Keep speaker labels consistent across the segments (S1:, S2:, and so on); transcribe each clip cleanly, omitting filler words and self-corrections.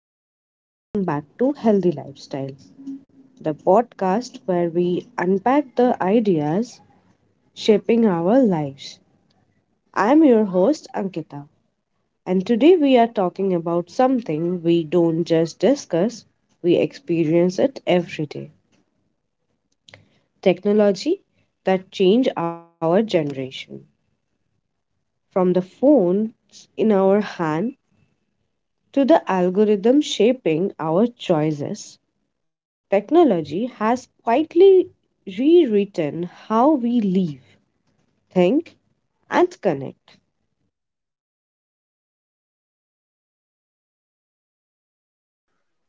S1: everyone, and welcome back to Healthy Lifestyle, the podcast where we unpack the ideas shaping our lives. I'm your host, Ankita, and today we are talking about something we don't just discuss, we experience it every day technology that change our generation. From the phones in our hand to the algorithm shaping our choices. Technology has quietly rewritten how we live, think, and connect.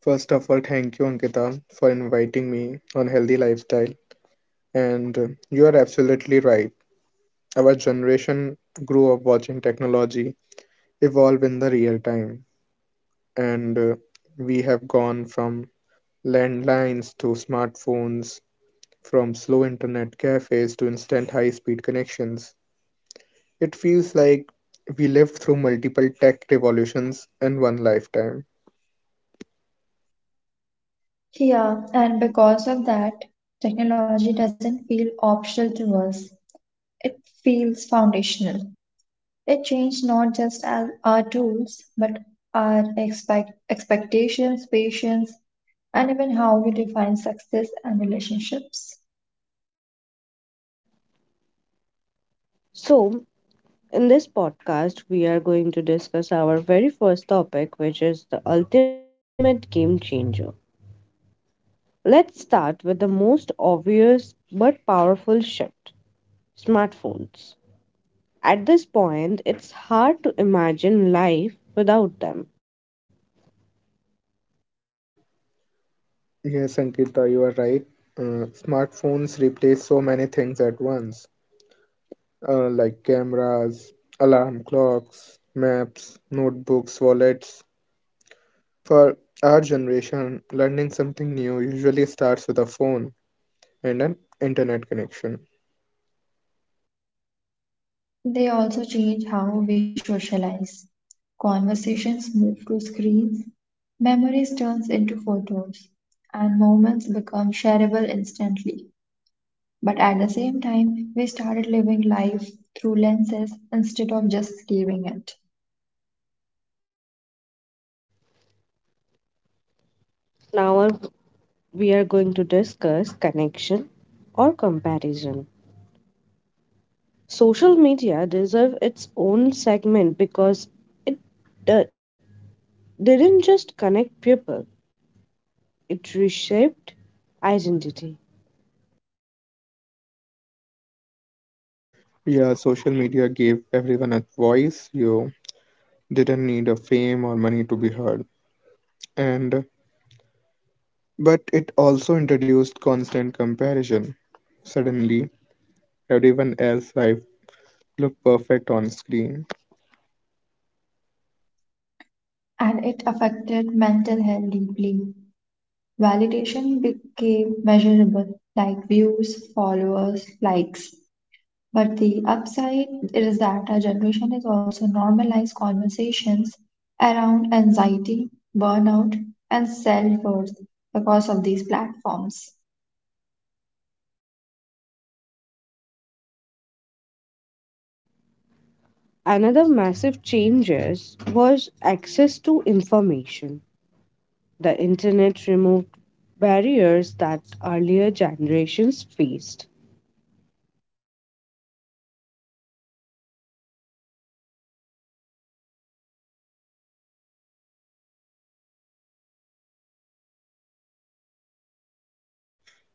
S2: First of all, thank you, Ankita, for inviting me on Healthy Lifestyle. And You are absolutely right. Our generation grew up watching technology evolve in the real time. And We have gone from landlines to smartphones, from slow internet cafes to instant high speed connections. It feels like we lived through multiple tech revolutions in one lifetime.
S3: Yeah, and because of that, technology doesn't feel optional to us. It feels foundational. It changed not just as our tools, but our expectations, patience, and even how we define success and relationships.
S1: So, in this podcast, we are going to discuss our very first topic, which is the ultimate game changer. Let's start with the most obvious but powerful shift smartphones. At this point, it's hard to imagine life without them.
S2: Yes, Ankita, you are right. Smartphones replace so many things at once, like cameras, alarm clocks, maps, notebooks, wallets. For our generation, learning something new usually starts with a phone and an internet connection.
S3: They also change how we socialize. Conversations move to screens, memories turns into photos, and moments become shareable instantly. But at the same time, we started living life through lenses instead of just escaping it.
S1: Now, we are going to discuss connection or comparison. Social media deserve its own segment because it d- didn't just connect people, it reshaped identity.
S2: Yeah, social media gave everyone a voice. You didn't need a fame or money to be heard. And but it also introduced constant comparison. Suddenly, everyone else's life look perfect on screen.
S3: And it affected mental health deeply. Validation became measurable, like views, followers, likes. But the upside is that our generation has also normalized conversations around anxiety, burnout, and self worth because of these platforms.
S1: Another massive changes was access to information. The internet removed barriers that earlier generations faced.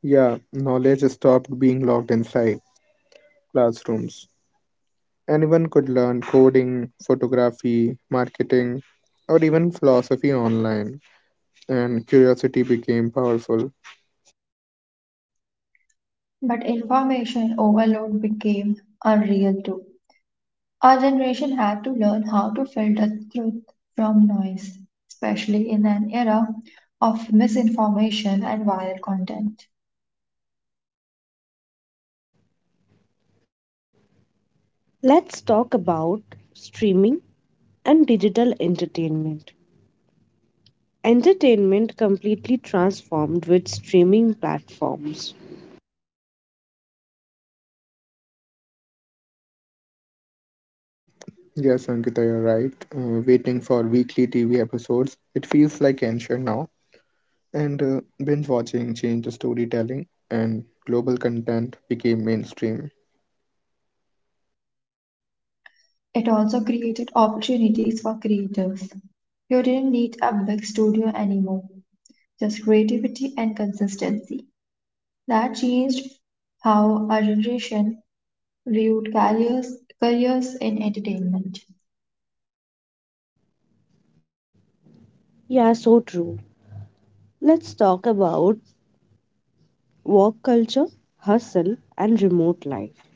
S2: Yeah, knowledge stopped being locked inside classrooms. Anyone could learn coding, photography, marketing, or even philosophy online, and curiosity became powerful.
S3: But information overload became unreal too. Our generation had to learn how to filter truth from noise, especially in an era of misinformation and viral content.
S1: Let's talk about streaming and digital entertainment. Entertainment completely transformed with streaming platforms.
S2: Yes, Ankita, you're right. Waiting for weekly TV episodes, it feels like ancient now. And Binge watching changed the storytelling, and global content became mainstream.
S3: It also created opportunities for creators. You didn't need a big studio anymore, just creativity and consistency. That changed how our generation viewed careers, careers in entertainment.
S1: Yeah, so true. Let's talk about work culture, hustle, and remote life.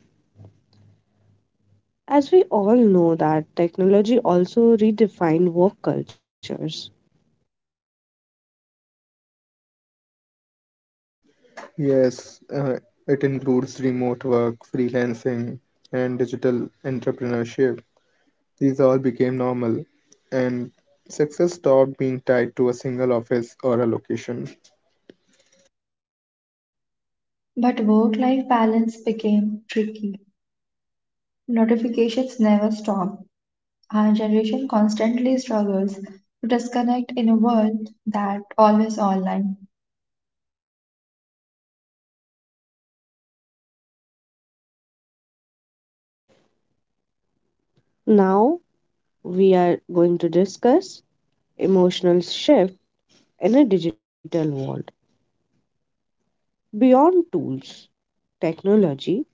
S1: As we all know that technology also redefined work cultures.
S2: Yes, uh, it includes remote work, freelancing, and digital entrepreneurship. These all became normal, and success stopped being tied to a single office or a location.
S3: But work life balance became tricky. Notifications never stopped. Our generation constantly struggles to disconnect in a world that always online.
S1: Now we are going to discuss emotional shift in a digital world. Beyond tools, technology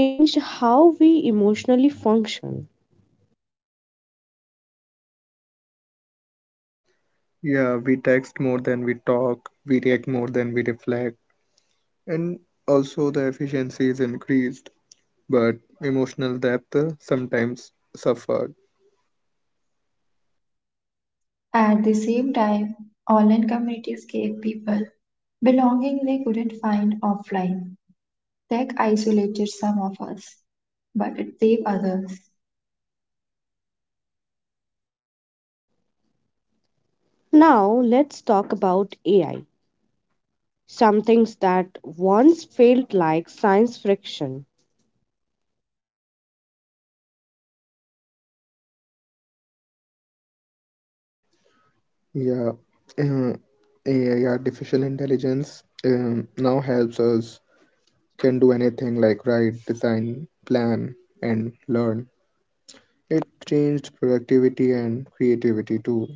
S1: changed how we emotionally function.
S2: Yeah, we text more than we talk, we react more than we reflect, and also the efficiency is increased, but emotional depth sometimes suffered.
S3: At the same time, online communities gave people belonging they couldn't find offline. Tech isolated some of us, but it saved others.
S1: Now let's talk about AI, some things that once felt like science fiction.
S2: Yeah, uh, AI artificial intelligence now helps us can do anything like write, design, plan, and learn. It changed productivity and creativity too.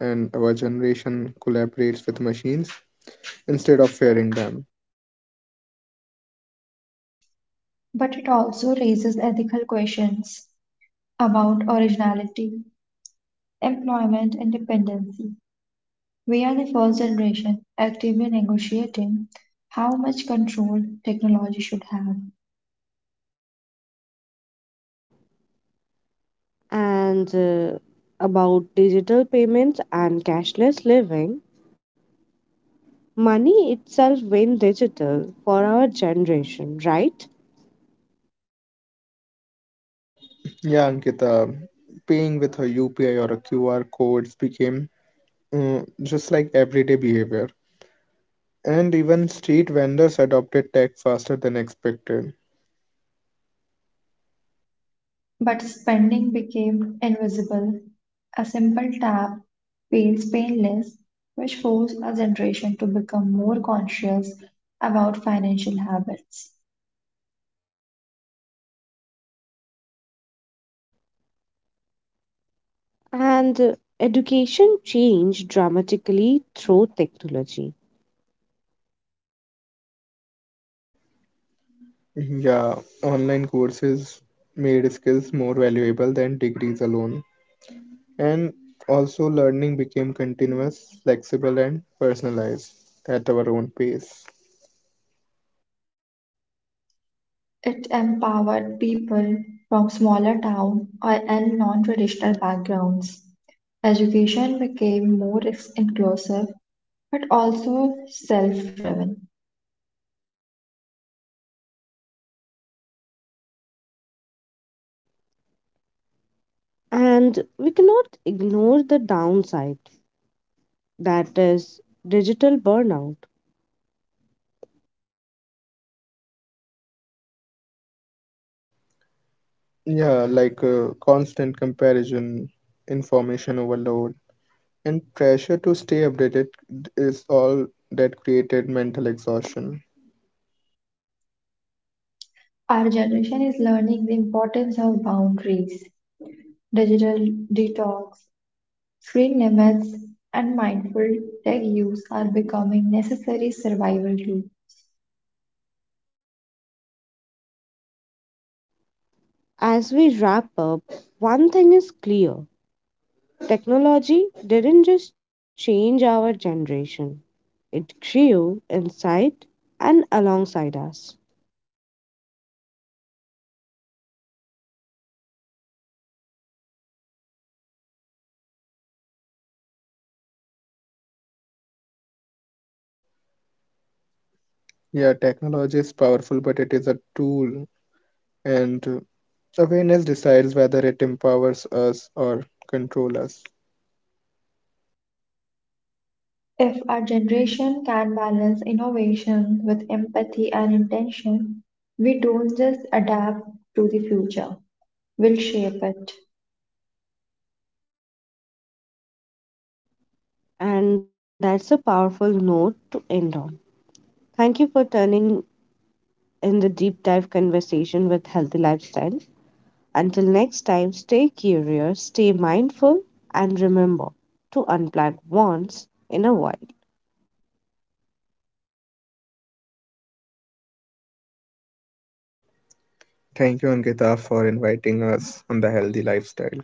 S2: And our generation collaborates with machines instead of fearing them.
S3: But it also raises ethical questions about originality, employment, and dependency. We are the first generation actively negotiating how much control technology should have.
S1: And about digital payments and cashless living, money itself went digital for our generation, right?
S2: Yeah, Ankita, paying with a UPI or a QR codes became just like everyday behavior. And even street vendors adopted tech faster than expected.
S3: But spending became invisible. A simple tap feels painless, which forced a generation to become more conscious about financial habits.
S1: And education changed dramatically through technology.
S2: Yeah, online courses made skills more valuable than degrees alone. And also, learning became continuous, flexible, and personalized at our own pace.
S3: It empowered people from smaller town or and non-traditional backgrounds. Education became more inclusive but also self-driven.
S1: And we cannot ignore the downside that is digital burnout.
S2: Yeah, like constant comparison, information overload, and pressure to stay updated is all that created mental exhaustion.
S3: Our generation is learning the importance of boundaries, digital detox, Tree limits and mindful tech use are becoming necessary survival tools.
S1: As we wrap up, one thing is clear technology didn't just change our generation, it grew inside and alongside us.
S2: Yeah, technology is powerful, but it is a tool, and awareness decides whether it empowers us or controls us.
S3: If our generation can balance innovation with empathy and intention, we don't just adapt to the future, we'll shape it.
S1: And that's a powerful note to end on. Thank you for turning in the deep dive conversation with Healthy Lifestyle. Until next time, stay curious, stay mindful, and remember to unplug once in a while.
S2: Thank you, Ankita, for inviting us on the healthy lifestyle.